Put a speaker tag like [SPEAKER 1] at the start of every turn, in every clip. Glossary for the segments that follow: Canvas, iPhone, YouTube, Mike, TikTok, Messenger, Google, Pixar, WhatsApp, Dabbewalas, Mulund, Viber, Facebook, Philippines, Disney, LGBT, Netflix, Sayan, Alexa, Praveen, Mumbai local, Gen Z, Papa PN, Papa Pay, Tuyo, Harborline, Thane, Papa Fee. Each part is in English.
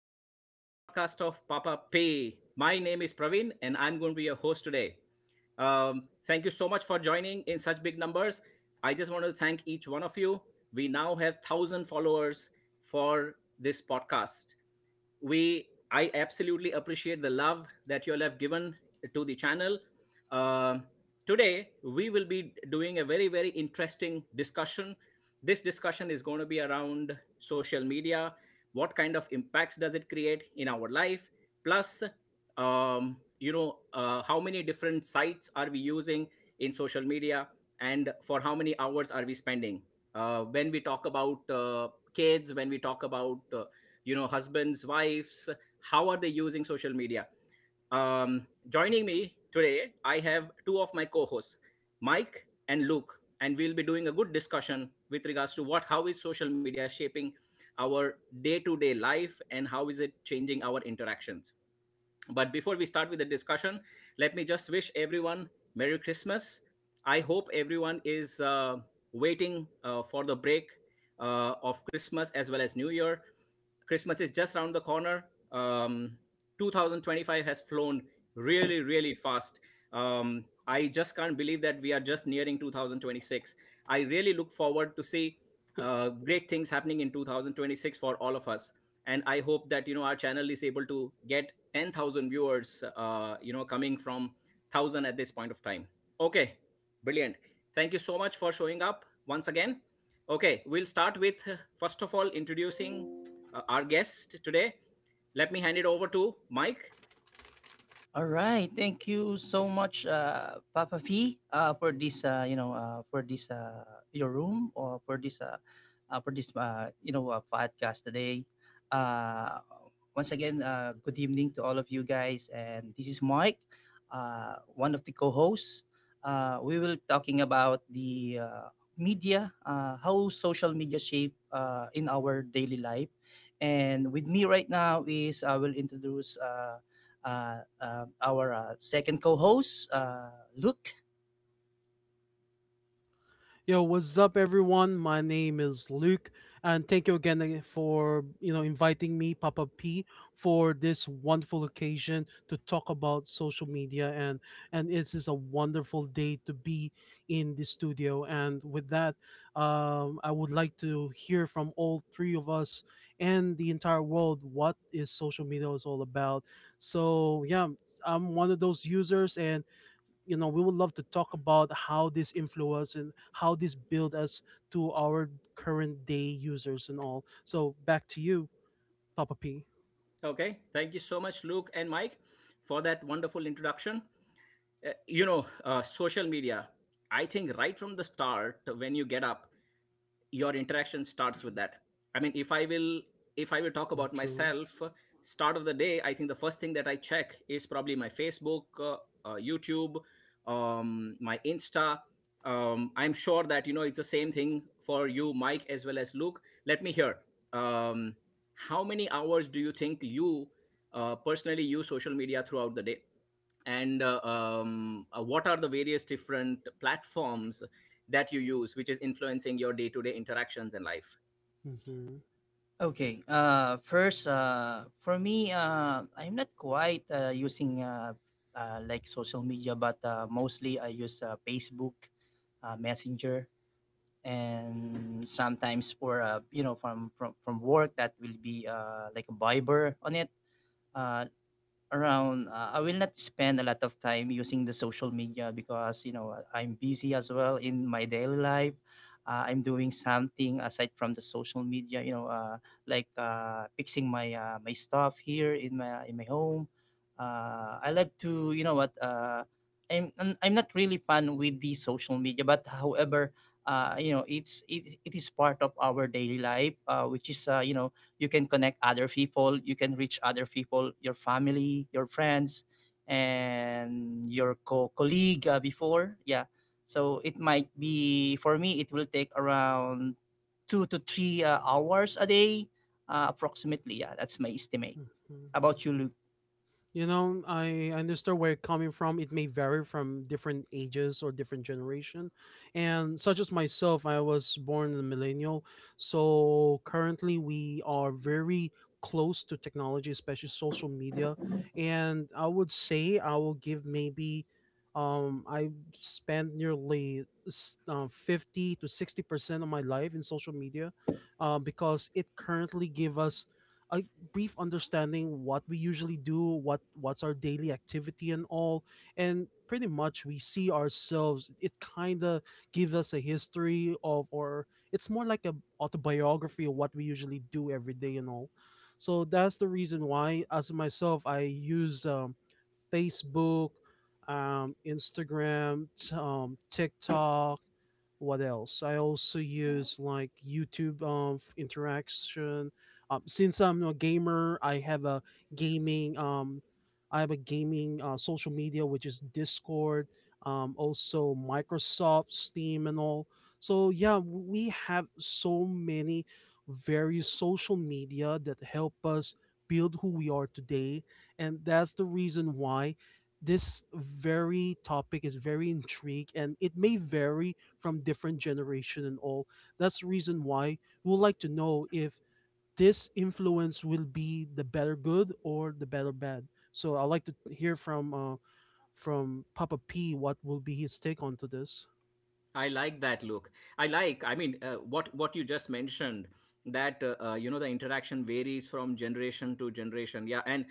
[SPEAKER 1] Welcome to the podcast of Papa Pay. My name is Praveen and I'm going to be your host today. Thank you so much for joining in such big numbers. I just want to thank each one of you. We now have 1,000 followers for this podcast. We i absolutely appreciate the love that you all have given to the channel. Uh, today we will be doing a very, very interesting discussion. This discussion is going to be around social media. What kind of impacts does it create in our life? Plus, how many different sites are we using in social media, and for how many hours are we spending? When we talk about kids, when we talk about husbands, wives, how are they using social media? Joining me today, I have two of my co-hosts, Mike and Luke, and we'll be doing a good discussion with regards to what how is social media shaping our day-to-day life and how is it changing our interactions. But before we start with the discussion, let me just wish everyone Merry Christmas. I hope everyone is waiting for the break of Christmas as well as New Year. Christmas is just around the corner. Um, 2025 has flown really, really fast. I just can't believe that we are just nearing 2026. I really look forward to see great things happening in 2026 for all of us. And I hope that our channel is able to get 10,000 viewers. Coming from thousand at this point of time. Okay, brilliant. Thank you so much for showing up once again. Okay, we'll start with first of all introducing our guest today. Let me hand it over to Mike.
[SPEAKER 2] All right. Thank you so much, Papa Fee, for this, your room or for this, podcast today. Uh, Once again, good evening to all of you guys. And this is Mike, one of the co-hosts. We will talking about the media, how social media shape in our daily life. And with me right now is I will introduce. Our second co-host, Luke.
[SPEAKER 3] Yo, what's up, everyone? My name is Luke, and thank you again, for inviting me, Papa P, for this wonderful occasion to talk about social media. And it is a wonderful day to be in the studio. And with that, I would like to hear from all three of us and the entire world what is social media is all about. So yeah, I'm one of those users, and we would love to talk about how this influence and how this build us to our current day users and all. So back to you, Papa P.
[SPEAKER 1] Okay. Thank you so much, Luke and Mike, for that wonderful introduction. Social media, I think, right from the start, when you get up, your interaction starts with that. I mean, if I will talk
[SPEAKER 3] Mm,
[SPEAKER 1] about
[SPEAKER 3] true.
[SPEAKER 1] myself, start of the day, I think the first thing that I check is probably my Facebook, YouTube, my Insta. I'm sure that it's the same thing for you, Mike, as well as Luke. Let me hear, um, how many hours do you think you personally use social media throughout the day, and what are the various different platforms that you use which is influencing your day-to-day interactions in life?
[SPEAKER 3] Hmm.
[SPEAKER 2] Okay. First, for me, I'm not quite using like social media, but mostly I use Facebook, Messenger, and sometimes for from work that will be like a Viber on it. Uh, around I will not spend a lot of time using the social media, because I'm busy as well in my daily life. I'm doing something aside from the social media, like fixing my stuff here in my home. I like to, you know what? I'm not really fun with the social media. But however, it is part of our daily life, which is, you can connect other people, you can reach other people, your family, your friends, and your colleague before. Yeah, so it might be for me, it will take around two to three hours a day, approximately. Yeah, that's my estimate. How about you, Luke?
[SPEAKER 3] You know, I understand where you're coming from. It may vary from different ages or different generation. And such as myself, I was born a millennial. So currently we are very close to technology, especially social media. And I would say I will give maybe I spent nearly 50 to 60% of my life in social media, because it currently give us uh, brief understanding what we usually do, what's our daily activity and all, and pretty much we see ourselves. It kind of gives us a history of, or it's more like a autobiography of what we usually do every day and all. So that's the reason why, as myself, I use Facebook, Instagram, TikTok. What else? I also use like YouTube interaction. Since I'm a gamer, I have a gaming. I have a gaming social media, which is Discord. Also Microsoft, Steam, and all. So yeah, we have so many various social media that help us build who we are today, and that's the reason why this very topic is very intrigue, and it may vary from different generation and all. That's the reason why we would like to know if this influence will be the better good or the better bad. So I'd like to hear from Papa P what will be his take onto this.
[SPEAKER 1] I like that, look. I mean, what you just mentioned, that the interaction varies from generation to generation. Yeah. And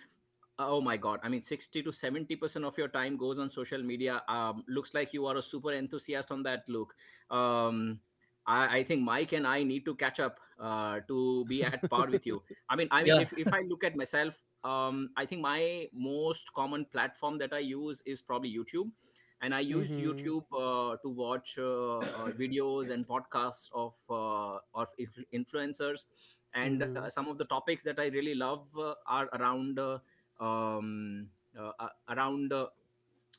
[SPEAKER 1] oh my god, I mean, 60 to 70% of your time goes on social media. Looks like you are a super enthusiast on that, Luke. um, I think Mike and I need to catch up to be at par with you. I mean,
[SPEAKER 2] Yeah.
[SPEAKER 1] if I look at myself, I think my most common platform that I use is probably YouTube, and I use
[SPEAKER 3] Mm-hmm,
[SPEAKER 1] YouTube to watch videos and podcasts of influencers, and
[SPEAKER 3] mm-hmm,
[SPEAKER 1] some of the topics that I really love are um, uh, around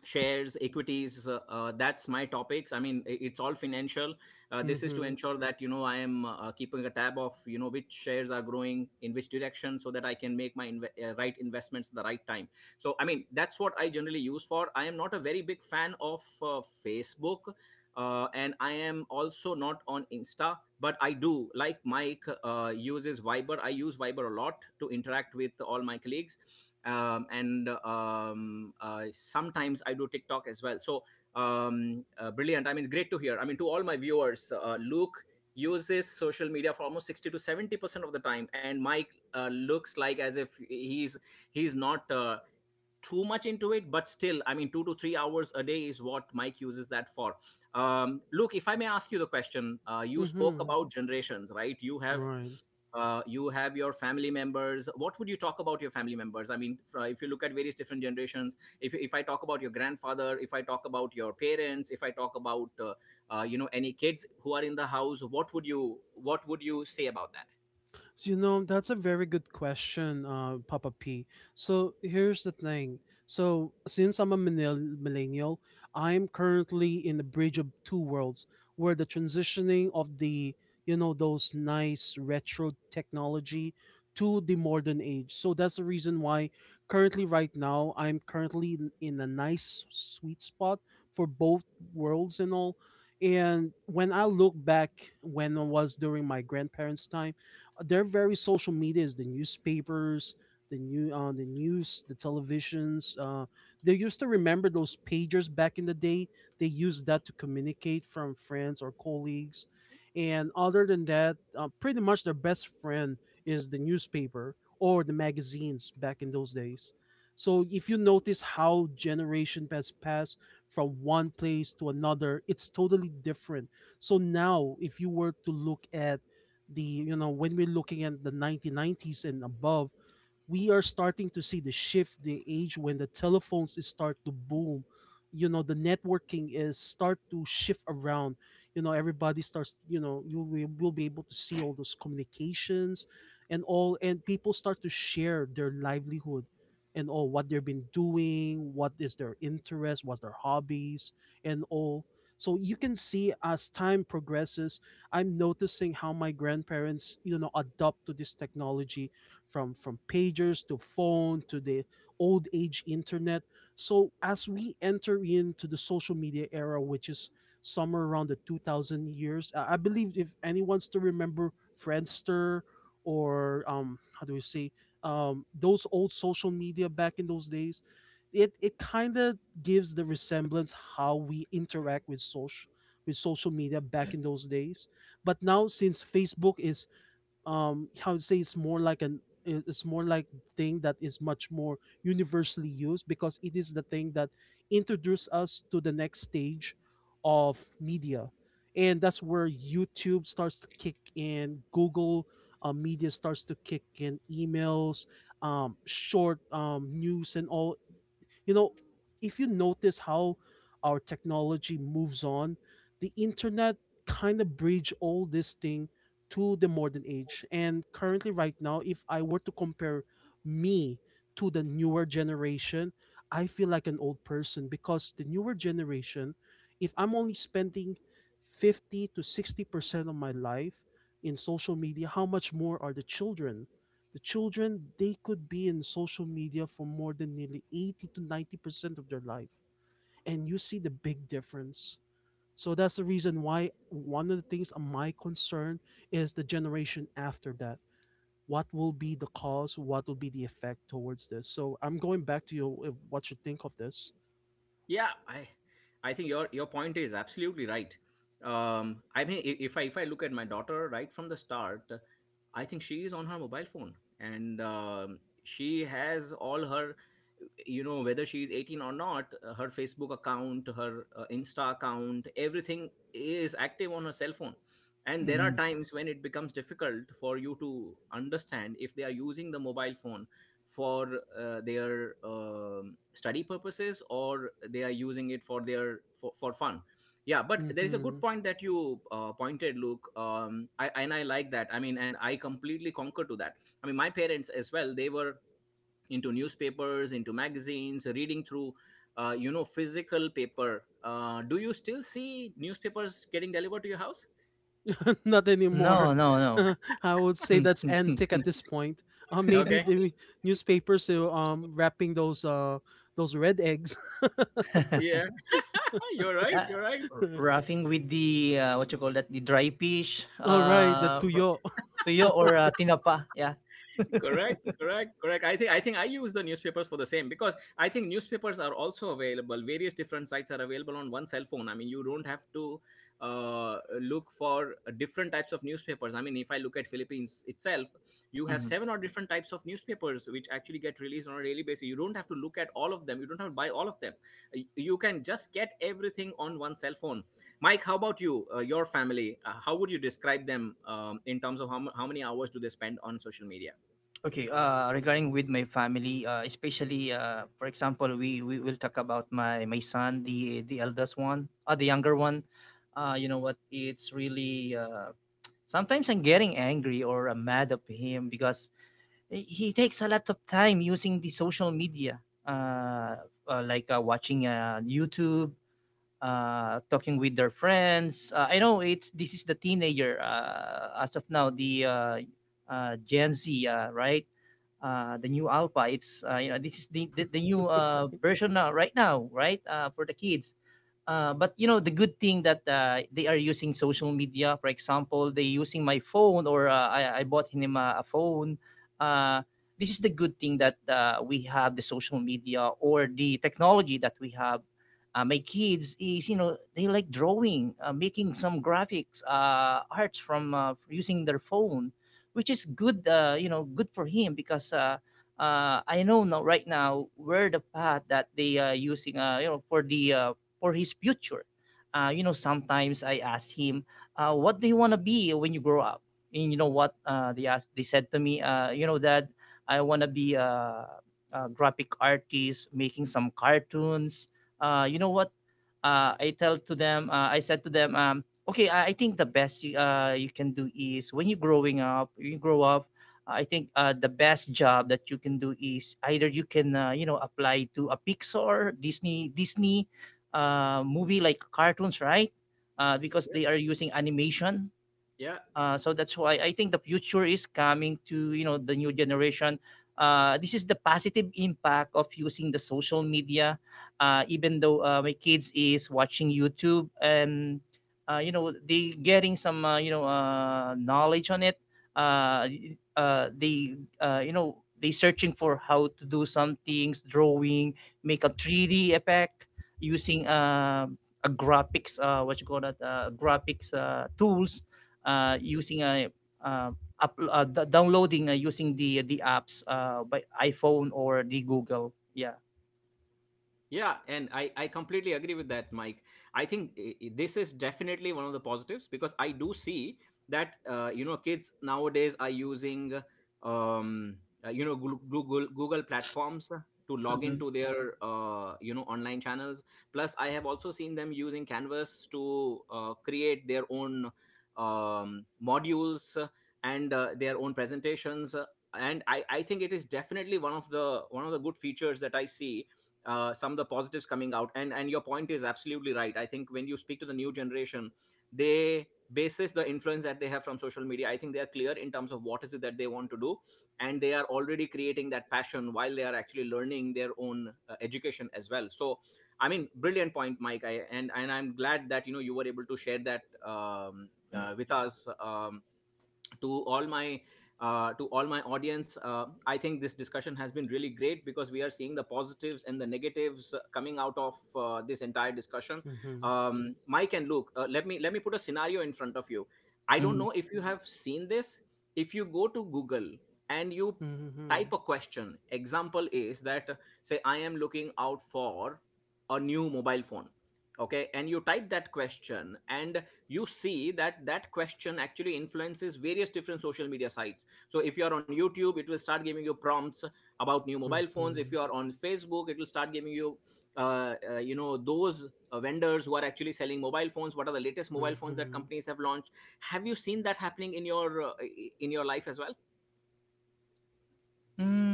[SPEAKER 1] shares, equities. That's my topics. I mean, it's all financial. This is to
[SPEAKER 3] mm-hmm,
[SPEAKER 1] ensure that I am keeping a tab of which shares are growing in which direction, so that I can make my right investments at the right time. So, I mean, that's what I generally use for. I am not a very big fan of Facebook, and I am also not on Insta, but I do like Mike uses Viber. I use Viber a lot to interact with all my colleagues, and sometimes I do TikTok as well. So, brilliant. I mean, great to hear. I mean, to all my viewers, Luke uses social media for almost 60 to 70% of the time, and Mike looks like as if he's not too much into it, but still, I mean, 2 to 3 hours a day is what Mike uses that for. Luke, if I may ask you the question, you spoke
[SPEAKER 3] mm-hmm,
[SPEAKER 1] about generations, right? you have
[SPEAKER 3] right.
[SPEAKER 1] uh, you have your family members. What would you talk about your family members? I mean, if you look at various different generations, if I talk about your grandfather, if I talk about your parents, if I talk about any kids who are in the house, what would you say about that?
[SPEAKER 3] So, you know, that's a very good question, Papa P. So here's the thing. So since I'm a millennial, I'm currently in the bridge of two worlds, where the transitioning of the those nice retro technology to the modern age. So that's the reason why currently right now I'm currently in a nice sweet spot for both worlds and all. And when I look back when I was during my grandparents' time, their very social media is the newspapers, the new the news, the televisions. They used to remember those pagers back in the day. They used that to communicate from friends or colleagues. And other than that, pretty much their best friend is the newspaper or the magazines back in those days. So if you notice how generation has passed from one place to another, it's totally different. So now if you were to look at the when we're looking at the 1990s and above, we are starting to see the shift, the age when the telephones is start to boom. You know, the networking is start to shift around. You know, everybody starts, you know, you will be able to see all those communications and all, and people start to share their livelihood and all, what they've been doing, what is their interest, what's their hobbies and all. So you can see as time progresses, I'm noticing how my grandparents, you know, adopt to this technology from pagers to phone to the old age internet. So as we enter into the social media era, which is somewhere around the 2000 years, I believe if anyone still remember Friendster or how do we say, those old social media back in those days, it kind of gives the resemblance how we interact with social media back in those days. But now since Facebook is, how to say, it's more like an, it's more like thing that is much more universally used, because it is the thing that introduced us to the next stage of media. And that's where YouTube starts to kick in, Google media starts to kick in, emails, short news and all. You know, if you notice how our technology moves on, the internet kind of bridge all this thing to the modern age. And currently, right now, if I were to compare me to the newer generation, I feel like an old person, because the newer generation, if I'm only spending 50 to 60% of my life in social media, how much more are the children? The children, they could be in social media for more than nearly 80 to 90% of their life. And you see the big difference. So that's the reason why one of the things of my concern is the generation after that. What will be the cause? What will be the effect towards this? So I'm going back to you, what you think of this.
[SPEAKER 1] Yeah, I think your point is absolutely right. I mean, I- if I if I look at my daughter right from the start, I think she is on her mobile phone, and she has all her, whether she is 18 or not, her Facebook account, her Insta account, everything is active on her cell phone. And there are
[SPEAKER 2] Mm,
[SPEAKER 1] times when it becomes difficult for you to understand if they are using the mobile phone for their study purposes, or they are using it for fun. Yeah. But there is a
[SPEAKER 3] Hmm.
[SPEAKER 1] good point that you pointed, Luke. And I like that. I mean, and I completely concur to that. I mean, my parents as well, they were into newspapers, into magazines, reading through physical paper. Do you still see newspapers getting delivered to your house?
[SPEAKER 3] Not anymore.
[SPEAKER 2] no, no, no.
[SPEAKER 3] I would say
[SPEAKER 2] Hmm,
[SPEAKER 3] that's
[SPEAKER 2] hmm, hmm,
[SPEAKER 3] antique
[SPEAKER 2] hmm.
[SPEAKER 3] at this point. Maybe
[SPEAKER 1] Okay. Okay.
[SPEAKER 3] the newspapers, wrapping those red eggs.
[SPEAKER 2] uh,
[SPEAKER 1] Yeah. You're right, you're right.
[SPEAKER 2] Roughing with the what you call that, the dry fish,
[SPEAKER 3] All right, the tuyo.
[SPEAKER 2] Tuyo or tinapa. Yeah.
[SPEAKER 1] Correct, correct, correct. I think I use the newspapers for the same, because I think newspapers are also available, various different sites are available on one cell phone. I mean, you don't have to look for different types of newspapers. I mean, if I look at Philippines itself, you have seven or different types of newspapers which actually get released on a daily basis. You don't have to look at all of them, you don't have to buy all of them. You can just get everything on one cell phone. Mike, how about you? Your family, how would you describe them, in terms of how many hours do they spend on social media?
[SPEAKER 2] Okay. Regarding with my family, especially for example, we will talk about my son, the eldest one, the younger one. You know what? It's really, sometimes I'm getting angry or mad at him because he takes a lot of time using the social media, like watching YouTube, talking with their friends. I know it's this is the teenager, as of now, the Gen Z, right? The new alpha. It's you know This is the new version now, right now, right, for the kids. But you know the good thing that they are using social media. For example, they using my phone, or I bought him a phone. uh, this is the good thing that we have the social media or the technology that we have. My kids is, you know, they like drawing, making some graphics arts from using their phone, which is good, good for him. Because, I know now, right now, where the path that they are using, for his future. Sometimes I ask him, "What do you want to be when you grow up?" And you know what they asked? They said to me, "You know, Dad, I want to be a graphic artist, making some cartoons." You know what? I tell to them. I said to them, "Okay, I think the best you can do is when you're growing up. You grow up." I think the best job that you can do is either you can apply to a Pixar, Disney movie, like cartoons, right? Because
[SPEAKER 1] Yeah,
[SPEAKER 2] they are using animation.
[SPEAKER 1] yeah,
[SPEAKER 2] So that's why I think the future is coming to, you know, the new generation. This is the positive impact of using the social media. Even though my kids is watching YouTube, and they getting some knowledge on it. Uh, they you know They searching for how to do some things, drawing, make a 3D effect using a graphics, what you call that, graphics tools, using uh, downloading, using the apps, by iPhone or the Google. Yeah.
[SPEAKER 1] yeah. And I completely agree with that, Mike. I think, this is definitely one of the positives, because I do see that kids nowadays are using um google platforms to log
[SPEAKER 2] Hmm.
[SPEAKER 1] into their online channels, plus I have also seen them using Canvas to create their own um, modules, and their own presentations. And I think it is definitely one of the good features that I see. Some of the positives coming out, and your point is absolutely right. I think when you speak to the new generation, they, basis the influence that they have from social media, I think they are clear in terms of what is it that they want to do, and they are already creating that passion while they are actually learning their own education as well. So, I mean, brilliant point, Mike. I, and I'm glad that you were able to share that with us. Um, to all my uh, to all my audience, I think this discussion has been really great, because we are seeing the positives and the negatives coming out of this entire discussion.
[SPEAKER 3] Hmm.
[SPEAKER 1] Mike and Luke, let me put a scenario in front of you. I don't
[SPEAKER 2] Mhm.
[SPEAKER 1] know if you have seen this. If you go to Google and you type
[SPEAKER 3] Mhm,
[SPEAKER 1] a question, example is that, say I am looking out for a new mobile phone, okay, and you type that question, and you see that that question actually influences various different social media sites. So if you are on YouTube, it will start giving you prompts about new mobile phones. If
[SPEAKER 3] mhm,
[SPEAKER 1] you are on Facebook, it will start giving you you know those vendors who are actually selling mobile phones, what are the latest mobile phones that
[SPEAKER 3] mhm.
[SPEAKER 1] companies have launched. Have you seen that happening in your life as well?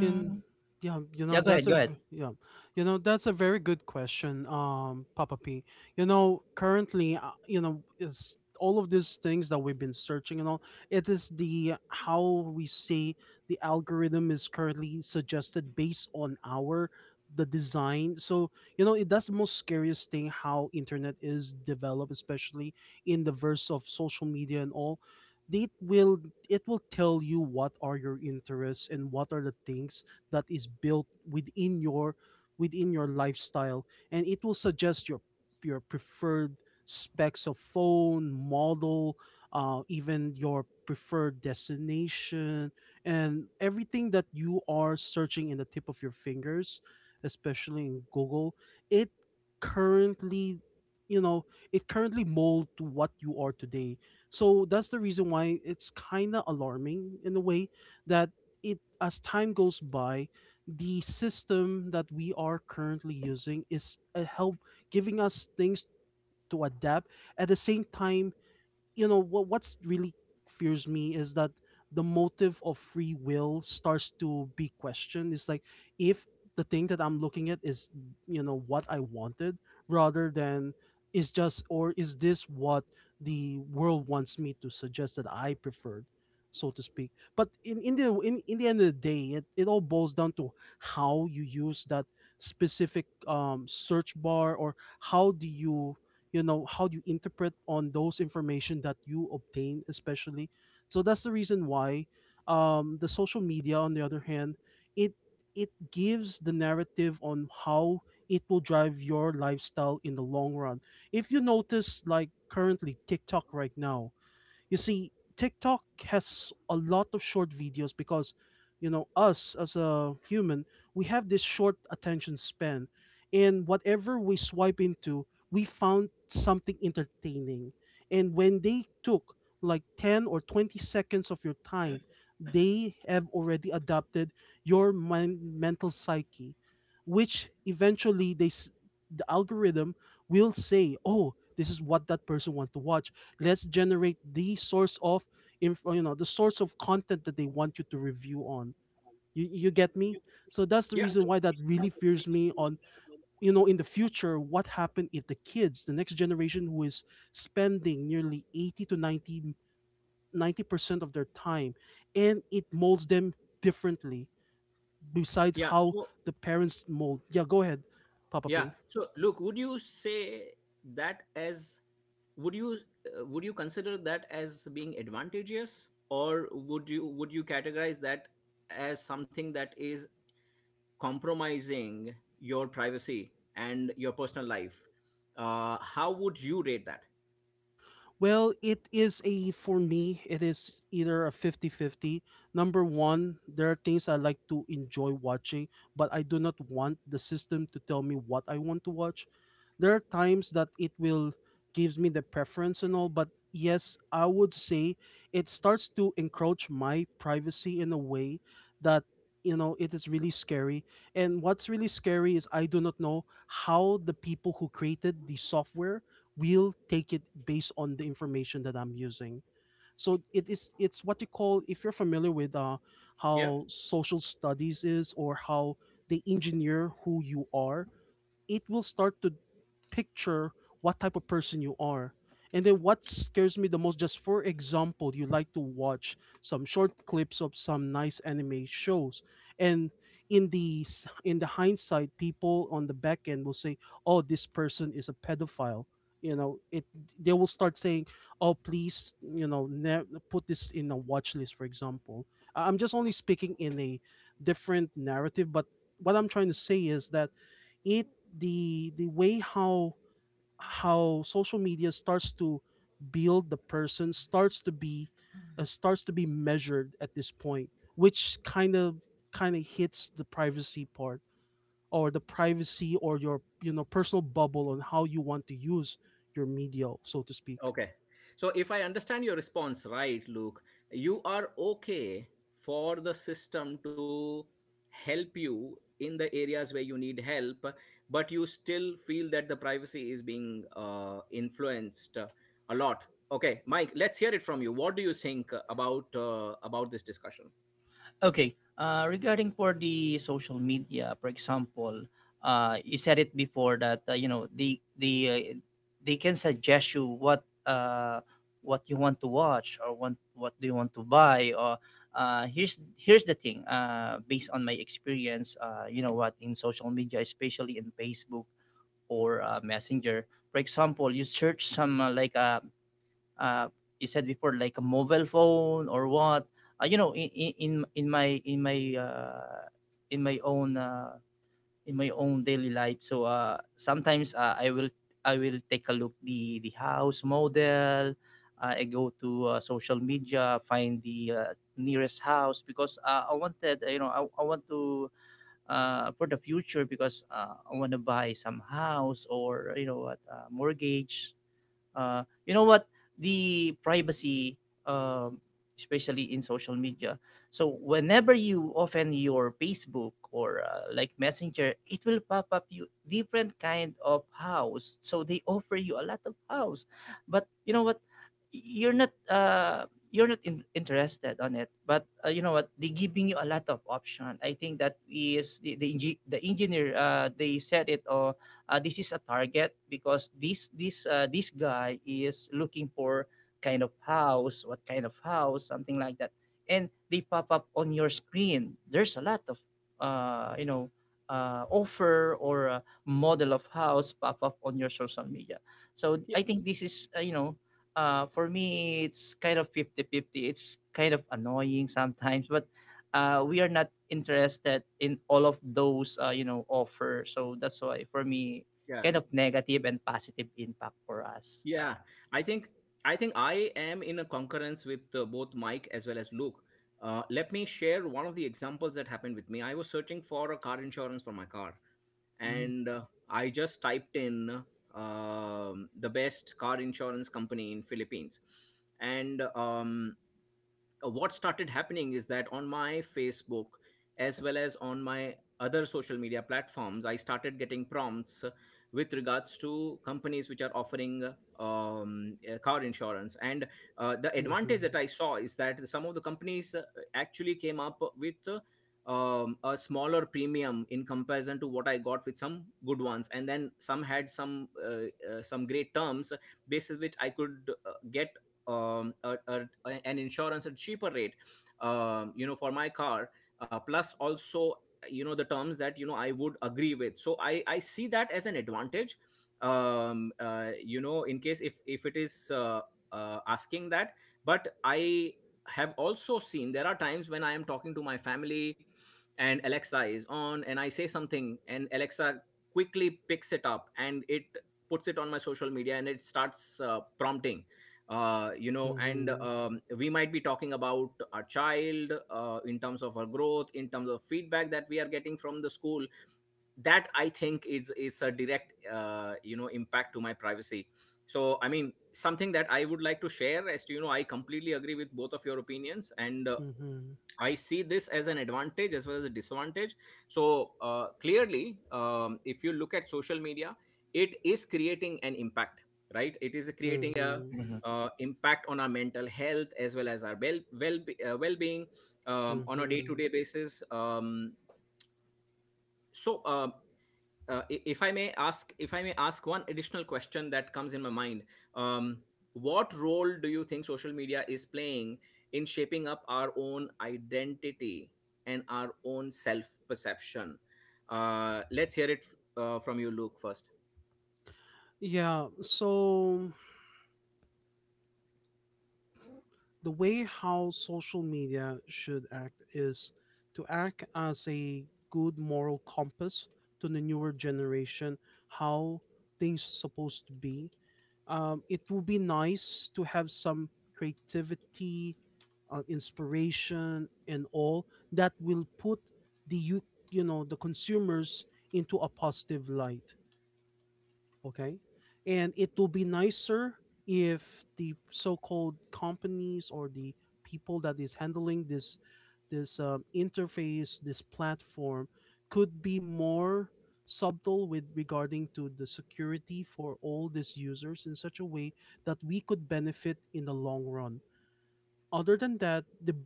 [SPEAKER 3] And yeah, you know,
[SPEAKER 2] Yeah. Go ahead. Go ahead.
[SPEAKER 3] yeah, you know, that's a very good question, Papa P. You know, currently, you know, it's all of these things that we've been searching and all. It is, the how we say, the algorithm is currently suggested based on our the design. So you know, it that's the most scariest thing how internet is developed, especially in the verse of social media and all. It will it will tell you what are your interests and what are the things that is built within your lifestyle, and it will suggest your preferred specs of phone, model, even your preferred destination, and everything that you are searching in the tip of your fingers, especially in Google. It currently, you know, it currently mold to what you are today. So that's the reason why it's kind of alarming in a way that it as time goes by, the system that we are currently using is a help giving us things to adapt. At the same time, you know, what's really fears me is that the motive of free will starts to be questioned. It's like, if the thing that I'm looking at is, you know, what I wanted, rather than is just, or is this what the world wants me to suggest that I preferred, so to speak. But in the end of the day, it all boils down to how you use that specific search bar, or how do you, you know, how you interpret on those information that you obtain especially. So that's the reason why, the social media, on the other hand, it it gives the narrative on how it will drive your lifestyle in the long run. If you notice, like currently TikTok right now, you see, TikTok has a lot of short videos because, you know, us as a human, we have this short attention span. And whatever we swipe into, we found something entertaining. And when they took like 10 or 20 seconds of your time, they have already adapted your mind, mental psyche, which eventually they, the algorithm will say, oh, this is what that person want to watch. Let's generate the source of you know, the source of content that they want you to review on. You get me? So that's the
[SPEAKER 1] Yeah,
[SPEAKER 3] reason why that really fears me on, you know, in the future what happened if the kids, the next generation who is spending nearly 80 to ninety percent of their time and it molds them differently besides
[SPEAKER 1] yeah.
[SPEAKER 3] how
[SPEAKER 1] So,
[SPEAKER 3] the parents mold. Yeah, go ahead, Papa
[SPEAKER 1] yeah,
[SPEAKER 3] P.
[SPEAKER 1] so, look, would you say that, as would you would you consider that as being advantageous, or would you categorize that as something that is compromising your privacy and your personal life? How would you rate that?
[SPEAKER 3] Well, it is a for me, it is either a fifty-fifty. Number one, there are things I like to enjoy watching, but I do not want the system to tell me what I want to watch. There are times that it will gives me the preference and all, but yes, I would say it starts to encroach my privacy in a way that you know it is really scary. And what's really scary is I do not know how the people who created the software will take it based on the information that I'm using. So it is, it's what you call, if you're familiar with
[SPEAKER 1] Yeah.
[SPEAKER 3] how social studies is or how they engineer who you are, it will start to picture what type of person you are. And then what scares me the most, just for example, you like to watch some short clips of some nice anime shows. And in the hindsight, people on the back end will say, "Oh, this person is a pedophile." You know, it they will start saying, "Oh, please, you know, put this in a watch list." For example, I'm just only speaking in a different narrative, but what I'm trying to say is that it the way how social media starts to build the person starts to be measured at this point, which kind of hits the privacy part or the privacy or your personal bubble on how you want to use your media, so to speak.
[SPEAKER 1] Okay. So if I understand your response right, Luke, you are okay for the system to help you in the areas where you need help, but you still feel that the privacy is being influenced a lot. Okay, Mike, let's hear it from you. What do you think about this discussion?
[SPEAKER 2] Okay. Regarding for the social media, for example, you said it before that, they can suggest you what, what you want to watch, or want what do you want to buy, or here's the thing. Based on my experience, you know what in social media, especially in Facebook or Messenger, for example, you search some, uh, you said before, like a mobile phone or what. In my in my in my own uh, in my own daily life. So sometimes I will take a look the house model. I go to social media, find the nearest house because I wanted, you know, I want to, for the future, because I want to buy some house, or, you know what mortgage. You know what? The privacy, um, especially in social media. So whenever you open your Facebook, or like Messenger, it will pop up you different kind of house. So they offer you a lot of house, but you know what? You're not, interested on it. But you know what? They're giving you a lot of option. I think that is the engineer. They said it, this is a target, because this guy is looking for kind of house, what kind of house, something like that, and they pop up on your screen. There's a lot of uh, you know offer or model of house pop up on your social media. So
[SPEAKER 1] Yeah,
[SPEAKER 2] I think this is, for me it's kind of fifty-fifty. It's kind of annoying sometimes, but we are not interested in all of those offer. So that's why, for me,
[SPEAKER 1] yeah.
[SPEAKER 2] kind of negative and positive impact for us.
[SPEAKER 1] Yeah, I think I think I am in a concurrence with both Mike as well as Luke. Let me share one of the examples that happened with me. I was searching for a car insurance for my car,
[SPEAKER 2] Mhm,
[SPEAKER 1] and I just typed in the best car insurance company in Philippines, and what started happening is that on my Facebook as well as on my other social media platforms, I started getting prompts with regards to companies which are offering car insurance. And the advantage that
[SPEAKER 3] mhm
[SPEAKER 1] I saw is that some of the companies actually came up with a smaller premium in comparison to what I got with some good ones, and then some had some great terms basis which I could get a, an insurance at cheaper rate for my car plus also you know the terms that you know I would agree with. So I see that as an advantage in case if it is asking that. But I have also seen there are times when I am talking to my family and Alexa is on, and I say something and Alexa quickly picks it up and it puts it on my social media and it starts prompting and
[SPEAKER 3] mhm
[SPEAKER 1] we might be talking about our child in terms of her growth, in terms of feedback that we are getting from the school. That I think is a direct impact to my privacy. So I mean something that I would like to share as to you know I completely agree with both of your opinions, and
[SPEAKER 3] mhm
[SPEAKER 1] I see this as an advantage as well as a disadvantage. So clearly, if you look at social media, it is creating an impact, right? It is creating a
[SPEAKER 3] mhm
[SPEAKER 2] mhm.
[SPEAKER 1] impact on our mental health as well as our well being on a day to
[SPEAKER 3] mhm
[SPEAKER 1] day basis. So uh, if I may ask, if I may ask one additional question that comes in my mind, um, what role do you think social media is playing in shaping up our own identity and our own self perception? Let's hear it from you, Luke first.
[SPEAKER 3] Yeah, so the way how social media should act is to act as a good moral compass to the newer generation, how things supposed to be. It would be nice to have some creativity, inspiration, and all that will put the the consumers into a positive light. Okay, and it will be nicer if the so-called companies or the people that is handling this interface, this platform, could be more subtle with regarding to the security for all these users in such a way that we could benefit in the long run. Other than that, the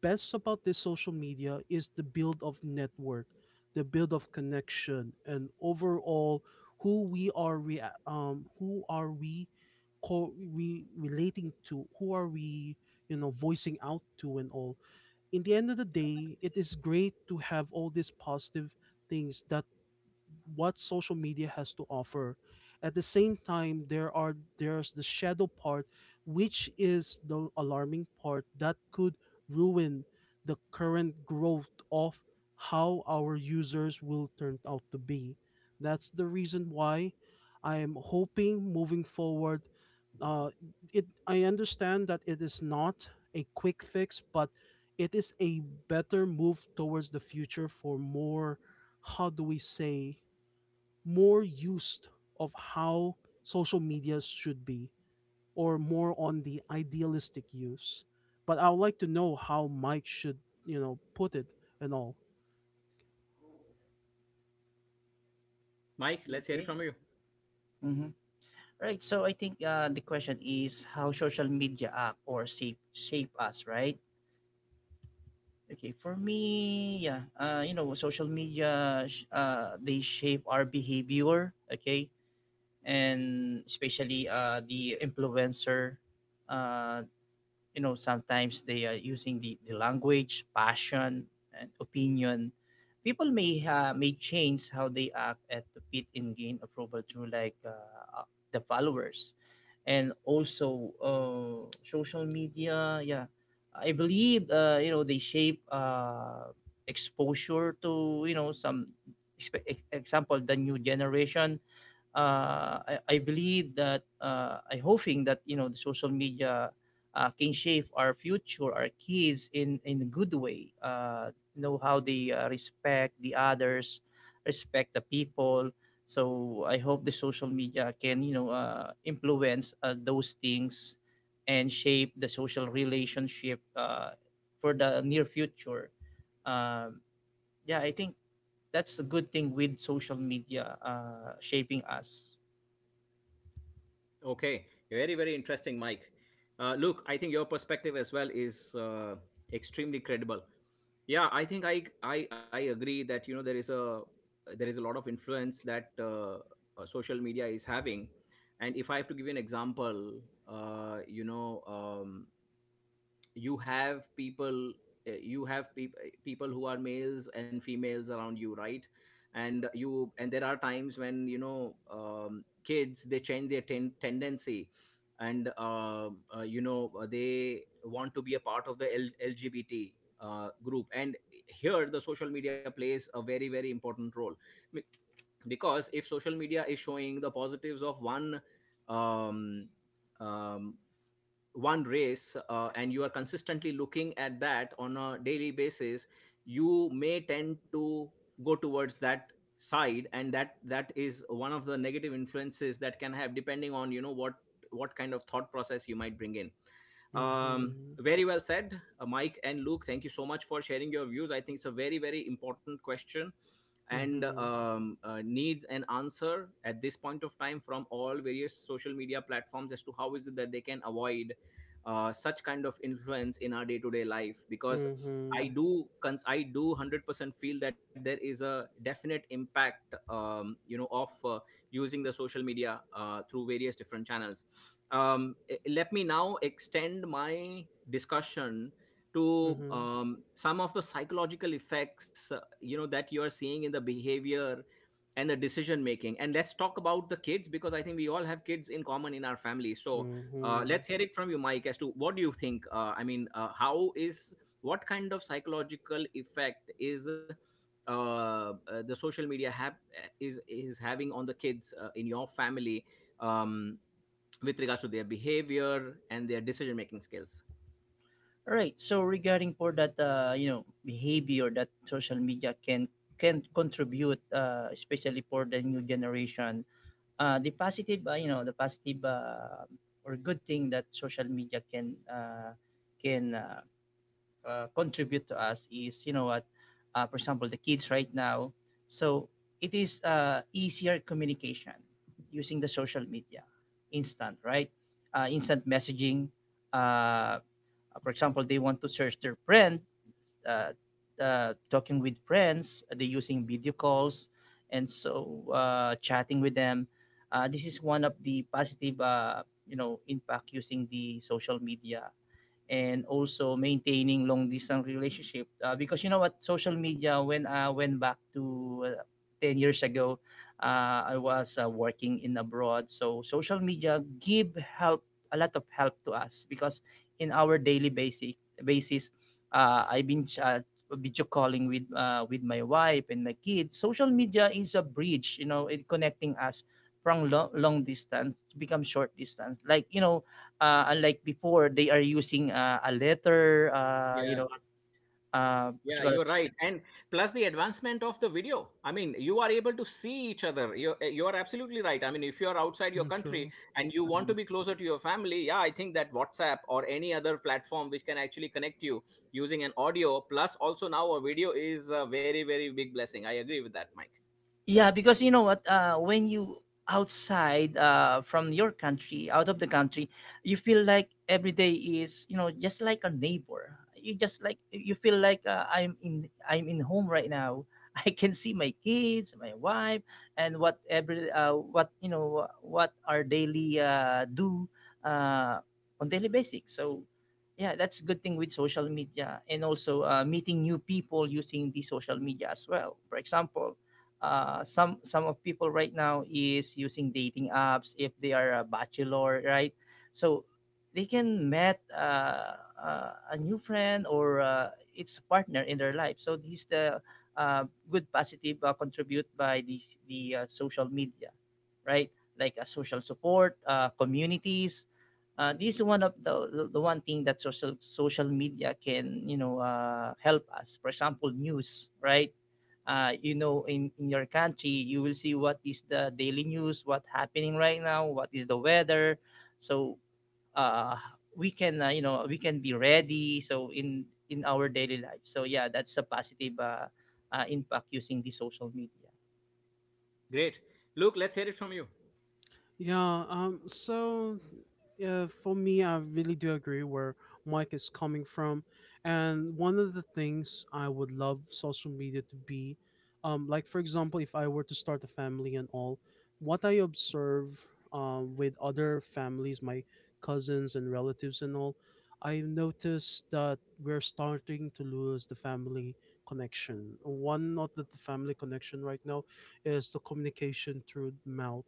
[SPEAKER 3] best about this social media is the build of network, the build of connection, and overall who we are, who are we, we relating to, who are we, voicing out to, and all. In the end of the day, it is great to have all these positive things that what social media has to offer. At the same time, there's the shadow part, which is the alarming part that could ruin the current growth of how our users will turn out to be. That's the reason why I am hoping moving forward. Uh, it I understand that it is not a quick fix, but it is a better move towards the future for more, how do we say, more used of how social media should be, or more on the idealistic use. But I would like to know how Mike should, you know, put it and all.
[SPEAKER 1] Mike, let's hear it
[SPEAKER 2] Okay.
[SPEAKER 1] from you.
[SPEAKER 2] Mm-hmm. Right. So I think the question is how social media act or shape us, right? Okay. For me, yeah. Social media, they shape our behavior. Okay. And especially the influencer, uh, sometimes they are using the language, passion, and opinion. People may change how they act at, to fit in, gain approval through, like, the followers, and also social media. Yeah, I believe, they shape, exposure to, you know, some example, the new generation. I believe that, I hoping that, you know, the social media can shape our future, our kids, in a good way. Know how they respect the others, respect the people. So I hope the social media can, influence those things, and shape the social relationship for the near future. Um, yeah, I think that's a good thing with social media shaping us.
[SPEAKER 1] Okay, very very interesting, Mike. Luke, I think your perspective as well is extremely credible. Yeah, I think I agree that you know there is a lot of influence that social media is having. And if I have to give you an example, uh, you know um, you have people, you have people who are males and females around you, right? And you, and there are times when you know kids they change their tendency and they want to be a part of the LGBT group. And here the social media plays a very very important role. Be- because if social media is showing the positives of one um, um, one race and you are consistently looking at that on a daily basis, you may tend to go towards that side. And that is one of the negative influences that can have, depending on you know what kind of thought process you might bring in.
[SPEAKER 3] mm-hmm
[SPEAKER 1] Very well said, Mike and Luke, thank you so much for sharing your views. I think it's a very very important question, and
[SPEAKER 3] mm-hmm
[SPEAKER 1] needs an answer at this point of time from all various social media platforms as to how is it that they can avoid such kind of influence in our day-to-day life, because
[SPEAKER 3] mm-hmm
[SPEAKER 1] I do I do 100% feel that there is a definite impact of using the social media through various different channels. Let me now extend my discussion to
[SPEAKER 3] mm-hmm
[SPEAKER 1] some of the psychological effects that you are seeing in the behavior and the decision making. And let's talk about the kids, because I think we all have kids in common in our family. So
[SPEAKER 3] mm-hmm
[SPEAKER 1] let's hear it from you, Mike, as to what do you think I mean how is, what kind of psychological effect is uh, uh, the social media have, is having on the kids in your family, um, with regards to their behavior and their decision making skills.
[SPEAKER 2] All right. So regarding for that, behavior that social media can contribute, especially for the new generation. The positive, or good thing that social media can contribute to us is, for example, the kids right now. So it is easier communication using the social media, instant, right? Instant messaging. Uh, for example, they want to search their friend, uh, talking with friends, they using video calls, and so chatting with them. This is one of the positive, impact using the social media, and also maintaining long distance relationship, because you know what, social media, when I went back to 10 years ago, I was working in abroad, so social media give help, a lot of help to us, because in our daily basic basis, I've been video calling with my wife and my kids. Social media is a bridge, you know, it connecting us from long, long distance to become short distance, like, you know. Unlike before, they are using a letter,
[SPEAKER 1] Yeah.
[SPEAKER 2] what you
[SPEAKER 1] Yeah,
[SPEAKER 2] call it?
[SPEAKER 1] you're right. And plus the advancement of the video. I mean, you are able to see each other. You are absolutely right. I mean, if you are outside your country
[SPEAKER 3] True.
[SPEAKER 1] and you want to be closer to your family, yeah, I think that WhatsApp or any other platform which can actually connect you using an audio plus also now a video is a very very big blessing. I agree with that, Mike.
[SPEAKER 2] Yeah, because you know what? When you outside from your country, out of the country, you feel like every day is, just like a neighbor. You just like, you feel like, I'm in home right now. I can see my kids, my wife, and whatever what you know what our daily do uh, on daily basics. So yeah, that's a good thing with social media and also meeting new people using the social media as well. For example, some of people right now is using dating apps if they are a bachelor, right? So they can met a new friend or its a partner in their life. So this the uh, good positive contribute by the social media, right? Like a social support, communities. This is one of the one thing that social media can help us. For example, news, right? In your country you will see what is the daily news, what happening right now, what is the weather, so uh we can, we can be ready so in our daily life. So yeah, that's a positive impact using the social media.
[SPEAKER 1] Great. Luke, let's hear it from you.
[SPEAKER 3] Yeah, so for me, I really do agree where Mike is coming from. And one of the things I would love social media to be, like, for example, if I were to start a family and all, what I observe, with other families, my cousins and relatives and all, I noticed that we're starting to lose the family connection. One of the family connection right now is the communication through mouth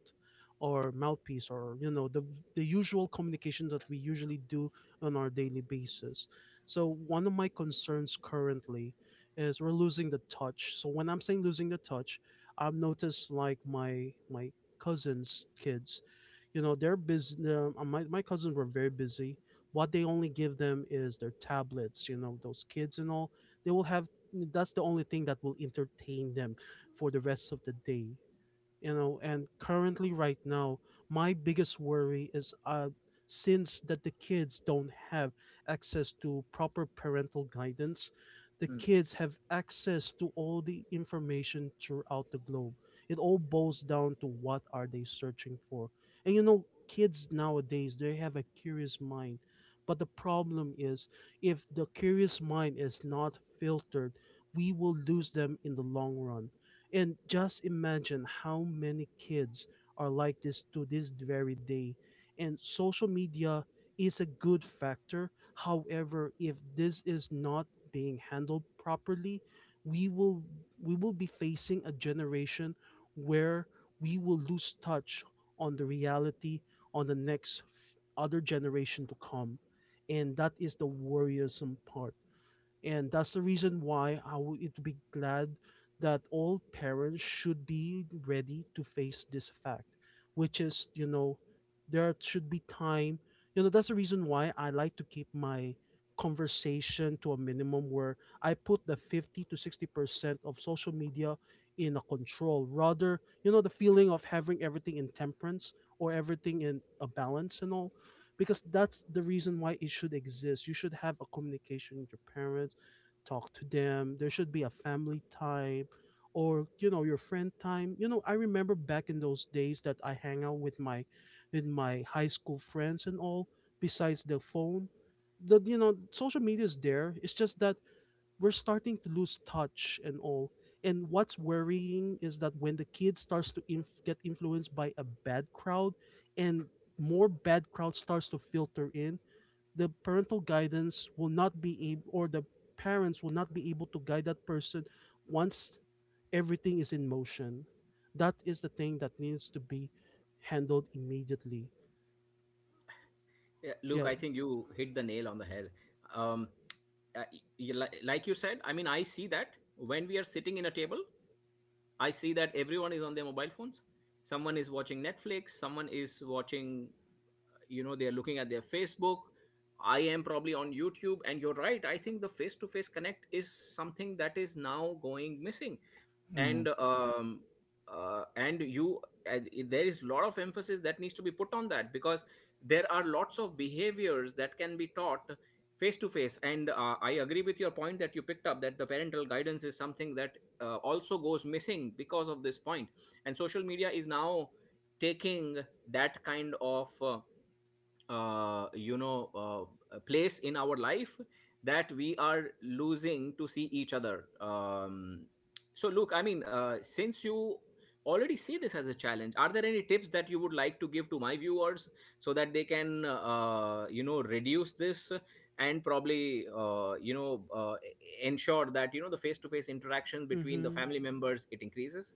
[SPEAKER 3] or mouthpiece, or you know, the usual communication that we usually do on our daily basis. So one of my concerns currently is we're losing the touch. So when I'm saying losing the touch, I've noticed, like, my cousins' kids, you know, they're busy. My cousins were very busy. What they only give them is their tablets, you know, those kids and all. They will have, that's the only thing that will entertain them for the rest of the day, you know. And currently, right now, my biggest worry is, since that the kids don't have access to proper parental guidance, the
[SPEAKER 2] Mm.
[SPEAKER 3] kids have access to all the information throughout the globe. It all boils down to what are they searching for, and you know, kids nowadays they have a curious mind, but the problem is if the curious mind is not filtered, we will lose them in the long run. And just imagine how many kids are like this to this very day. And social media is a good factor. However, if this is not being handled properly, we will we will be facing a generation where we will lose touch on the reality on the next other generation to come. And that is the worrisome part, and that's the reason why I would be glad that all parents should be ready to face this fact, which is, you know, there should be time. You know, that's the reason why I like to keep my conversation to a minimum, where I put the 50 to 60% of social media in a control, rather, you know, the feeling of having everything in temperance or everything in a balance and all, because that's the reason why it should exist. You should have a communication with your parents, talk to them. There should be a family time, or you know, your friend time. You know, I remember back in those days that I hang out with my high school friends and all, besides the phone. The You know, social media is there. It's just that we're starting to lose touch and all. And what's worrying is that when the kid starts to get influenced by a bad crowd, and more bad crowd starts to filter in, the parental guidance will not be able, or the parents will not be able to guide that person once everything is in motion. That is the thing that needs to be handled immediately.
[SPEAKER 1] Yeah, Luke,
[SPEAKER 3] Yeah.
[SPEAKER 1] I think you hit the nail on the head. Um, like you said, I mean, I see that when we are sitting in a table I see that everyone is on their mobile phones. Someone is watching Netflix. Someone is watching, you know, they're looking at their Facebook. I am probably on YouTube. And you're right. I think the face to face connect is something that is now going missing,
[SPEAKER 2] Mhm.
[SPEAKER 1] and um, and you, and there is a lot of emphasis that needs to be put on that, because there are lots of behaviors that can be taught face to face. And I agree with your point that you picked up, that the parental guidance is something that also goes missing because of this point, and social media is now taking that kind of place in our life that we are losing to see each other. So look, I mean since you already see this as a challenge, are there any tips that you would like to give to my viewers so that they can reduce this, and probably ensure that you know the face to face interaction between the
[SPEAKER 3] Mhm.
[SPEAKER 1] family members it increases.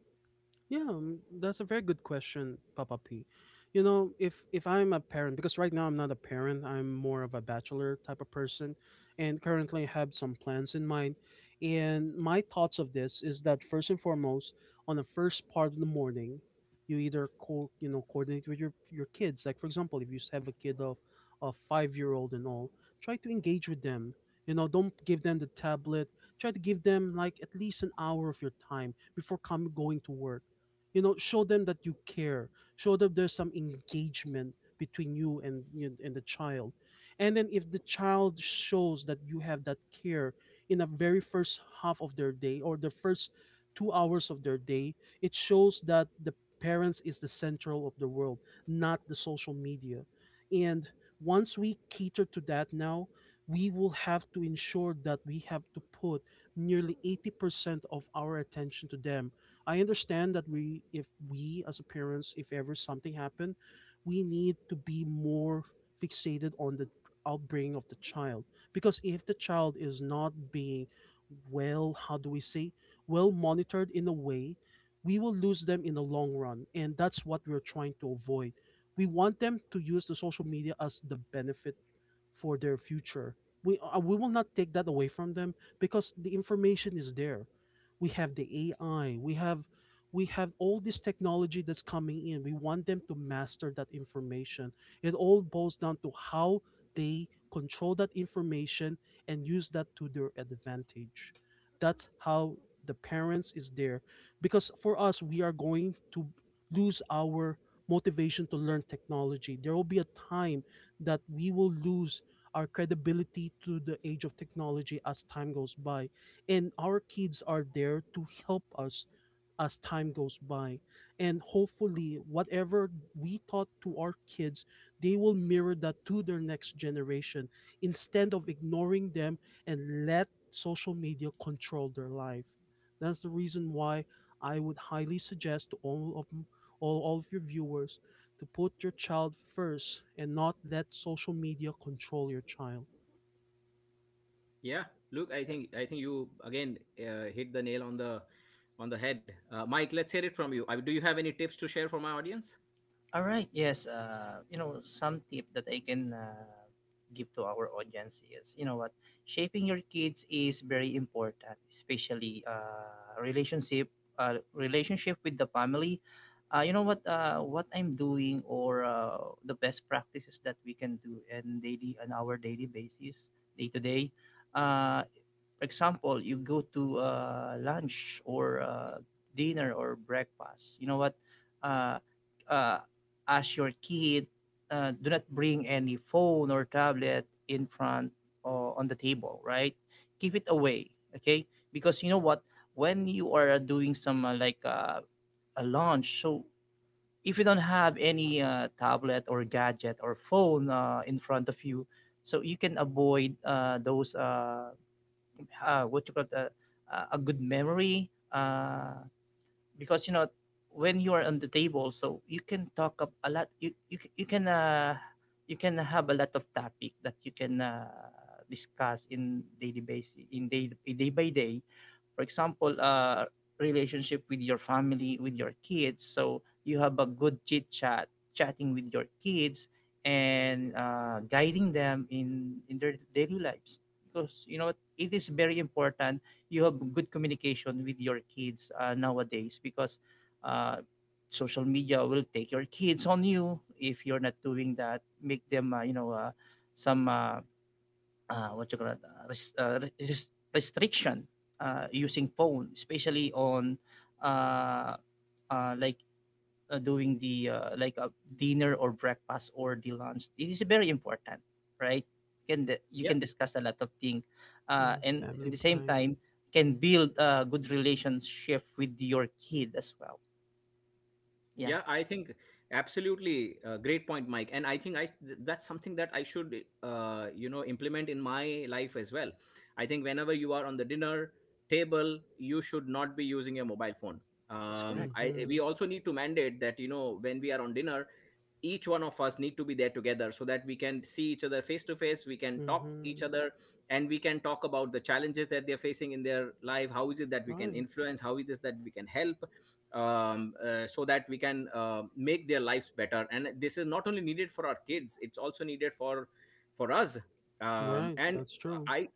[SPEAKER 3] Yeah, that's a very good question, Papa P. You know, if I'm a parent, because right now I'm not a parent, I'm more of a bachelor type of person, and currently have some plans in mind. And my thoughts of this is that, first and foremost, on the first part of the morning, you either co you know, coordinate with your kids. Like, for example, if you have a kid of a 5 year old and all, try to engage with them. You know, don't give them the tablet. Try to give them like at least an hour of your time before coming going to work. You know, show them that you care, show them there's some engagement between you and the child. And then if the child shows that you have that care in the very first half of their day or the first 2 hours of their day, it shows that the parents is the central of the world, not the social media. And once we cater to that, now we will have to ensure that we have to put nearly 80% of our attention to them. I understand that we, if we as a parents, if ever something happened, we need to be more fixated on the upbringing of the child. Because if the child is not being well, how do we say, well monitored in a way, we will lose them in the long run. And that's what we're trying to avoid. We want them to use the social media as the benefit for their future. We will not take that away from them because the information is there. We have the AI. We have all this technology that's coming in. We want them to master that information. It all boils down to how they control that information and use that to their advantage. That's how the parents is there, because for us, we are going to lose our motivation to learn technology. There will be a time that we will lose our credibility to the age of technology as time goes by. And our kids are there to help us as time goes by. And hopefully, whatever we taught to our kids, they will mirror that to their next generation instead of ignoring them and let social media control their life. That's the reason why I would highly suggest to all of all of your viewers to put your child first and not let social media control your child.
[SPEAKER 1] Yeah, look, I think you again hit the nail on the head. Mike, let's hear it from you. I, do you have any tips to share for my audience?
[SPEAKER 2] All right. Yes. Some tip that I can give to our audience is, you know what, shaping your kids is very important, especially relationship with the family. What I'm doing or the best practices that we can do in daily on our daily basis, day to day. uh, for example, you go to lunch or dinner or breakfast. You know what? Uh, uh, as your kid, do not bring any phone or tablet in front or on the table, right? Keep it away, okay? Because you know what? When you are doing some a lunch, so if you don't have any tablet or gadget or phone in front of you, so you can avoid those what you call the, a good memory because you know when you are on the table, so you can talk a lot. You can you can have a lot of topic that you can discuss in daily basis in day by day. For example, relationship with your family, with your kids, so you have a good chit chat chatting with your kids and guiding them in their daily lives, because you know it is very important you have good communication with your kids nowadays, because uh, social media will take your kids on you if you're not doing that. Make them some what you call it, res- res- restriction using phone, especially on uh, uh, like doing the like a dinner or breakfast or the lunch. It is very important, right? Can you can
[SPEAKER 1] Yeah,
[SPEAKER 2] discuss a lot of things,
[SPEAKER 3] Yeah,
[SPEAKER 2] and at the
[SPEAKER 3] family
[SPEAKER 2] same
[SPEAKER 3] time.
[SPEAKER 2] time can build a good relationship with your kid as well. Yeah,
[SPEAKER 1] yeah, I think absolutely great point, Mike. And I think that's something that I should implement in my life as well. I think whenever you are on the dinner table, you should not be using your mobile phone.
[SPEAKER 2] that's correct.
[SPEAKER 1] I,
[SPEAKER 3] Mm-hmm.
[SPEAKER 1] we also need to mandate that you know when we are on dinner, each one of us need to be there together so that we can see each other face to face, we can talk each
[SPEAKER 3] Mm-hmm.
[SPEAKER 1] other and we can talk about the challenges that they're facing in their life, how is it that we can
[SPEAKER 3] Right.
[SPEAKER 1] influence, how is it that we can help, so that we can make their lives better. And this is not only needed for our kids, it's also needed for us.
[SPEAKER 3] Right.
[SPEAKER 1] And
[SPEAKER 3] That's true.
[SPEAKER 1] i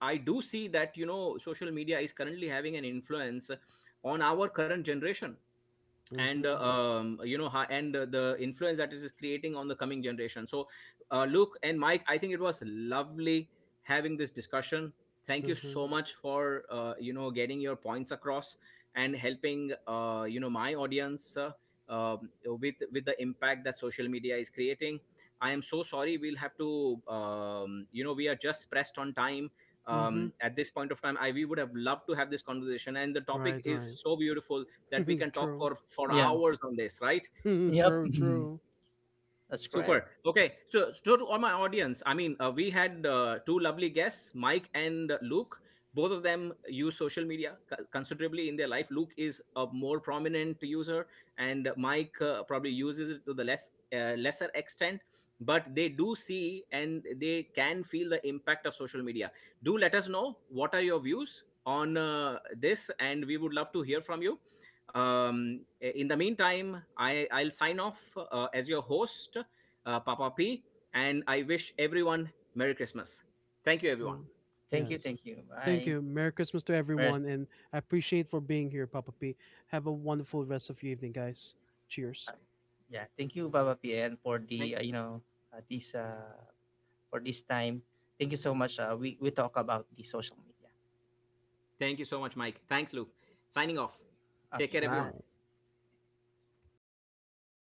[SPEAKER 1] I do see that you know social media is currently having an influence on our current generation, and
[SPEAKER 3] Mm-hmm.
[SPEAKER 1] you know how and the influence that it is creating on the coming generation. So Luke and Mike, I think it was lovely having this discussion. Thank you
[SPEAKER 3] Mhm.
[SPEAKER 1] so much for getting your points across and helping my audience with the impact that social media is creating. I am so sorry, we'll have to we are just pressed on time
[SPEAKER 3] Mhm.
[SPEAKER 1] at this point of time. I, we would have loved to have this conversation, and the topic
[SPEAKER 3] Right.
[SPEAKER 1] is
[SPEAKER 3] Right.
[SPEAKER 1] so beautiful that we can talk
[SPEAKER 3] True.
[SPEAKER 1] for
[SPEAKER 2] Yeah.
[SPEAKER 1] hours on this, right?
[SPEAKER 3] True.
[SPEAKER 2] Yep.
[SPEAKER 3] True.
[SPEAKER 2] That's correct.
[SPEAKER 3] S-
[SPEAKER 1] Super. Okay. So, so to all my audience, I mean, we had two lovely guests, Mike and Luke. Both of them use social media considerably in their life. Luke is a more prominent user, and Mike probably uses it to the less lesser extent. But they do see and they can feel the impact of social media. Do let us know what are your views on this, and we would love to hear from you. In the meantime, I'll sign off as your host, Papa P. And I wish everyone Merry Christmas. Thank you,
[SPEAKER 3] yeah.
[SPEAKER 1] everyone.
[SPEAKER 2] Thank you.
[SPEAKER 3] Yes.
[SPEAKER 2] Thank you.
[SPEAKER 3] Thank
[SPEAKER 2] Bye.
[SPEAKER 3] you. Merry Christmas to everyone, and I appreciate for being here, Papa P. Have a wonderful rest of your evening, guys. Cheers.
[SPEAKER 2] Uh, Yeah, thank you, Papa PN, for
[SPEAKER 1] Thank,
[SPEAKER 2] the this for this time. Thank you so much. We talk about the social media.
[SPEAKER 1] thank you so much, Mike. Thanks, Luke. Signing off. Take
[SPEAKER 2] Okay,
[SPEAKER 1] care, everyone.
[SPEAKER 3] Signing
[SPEAKER 2] bye.
[SPEAKER 3] off.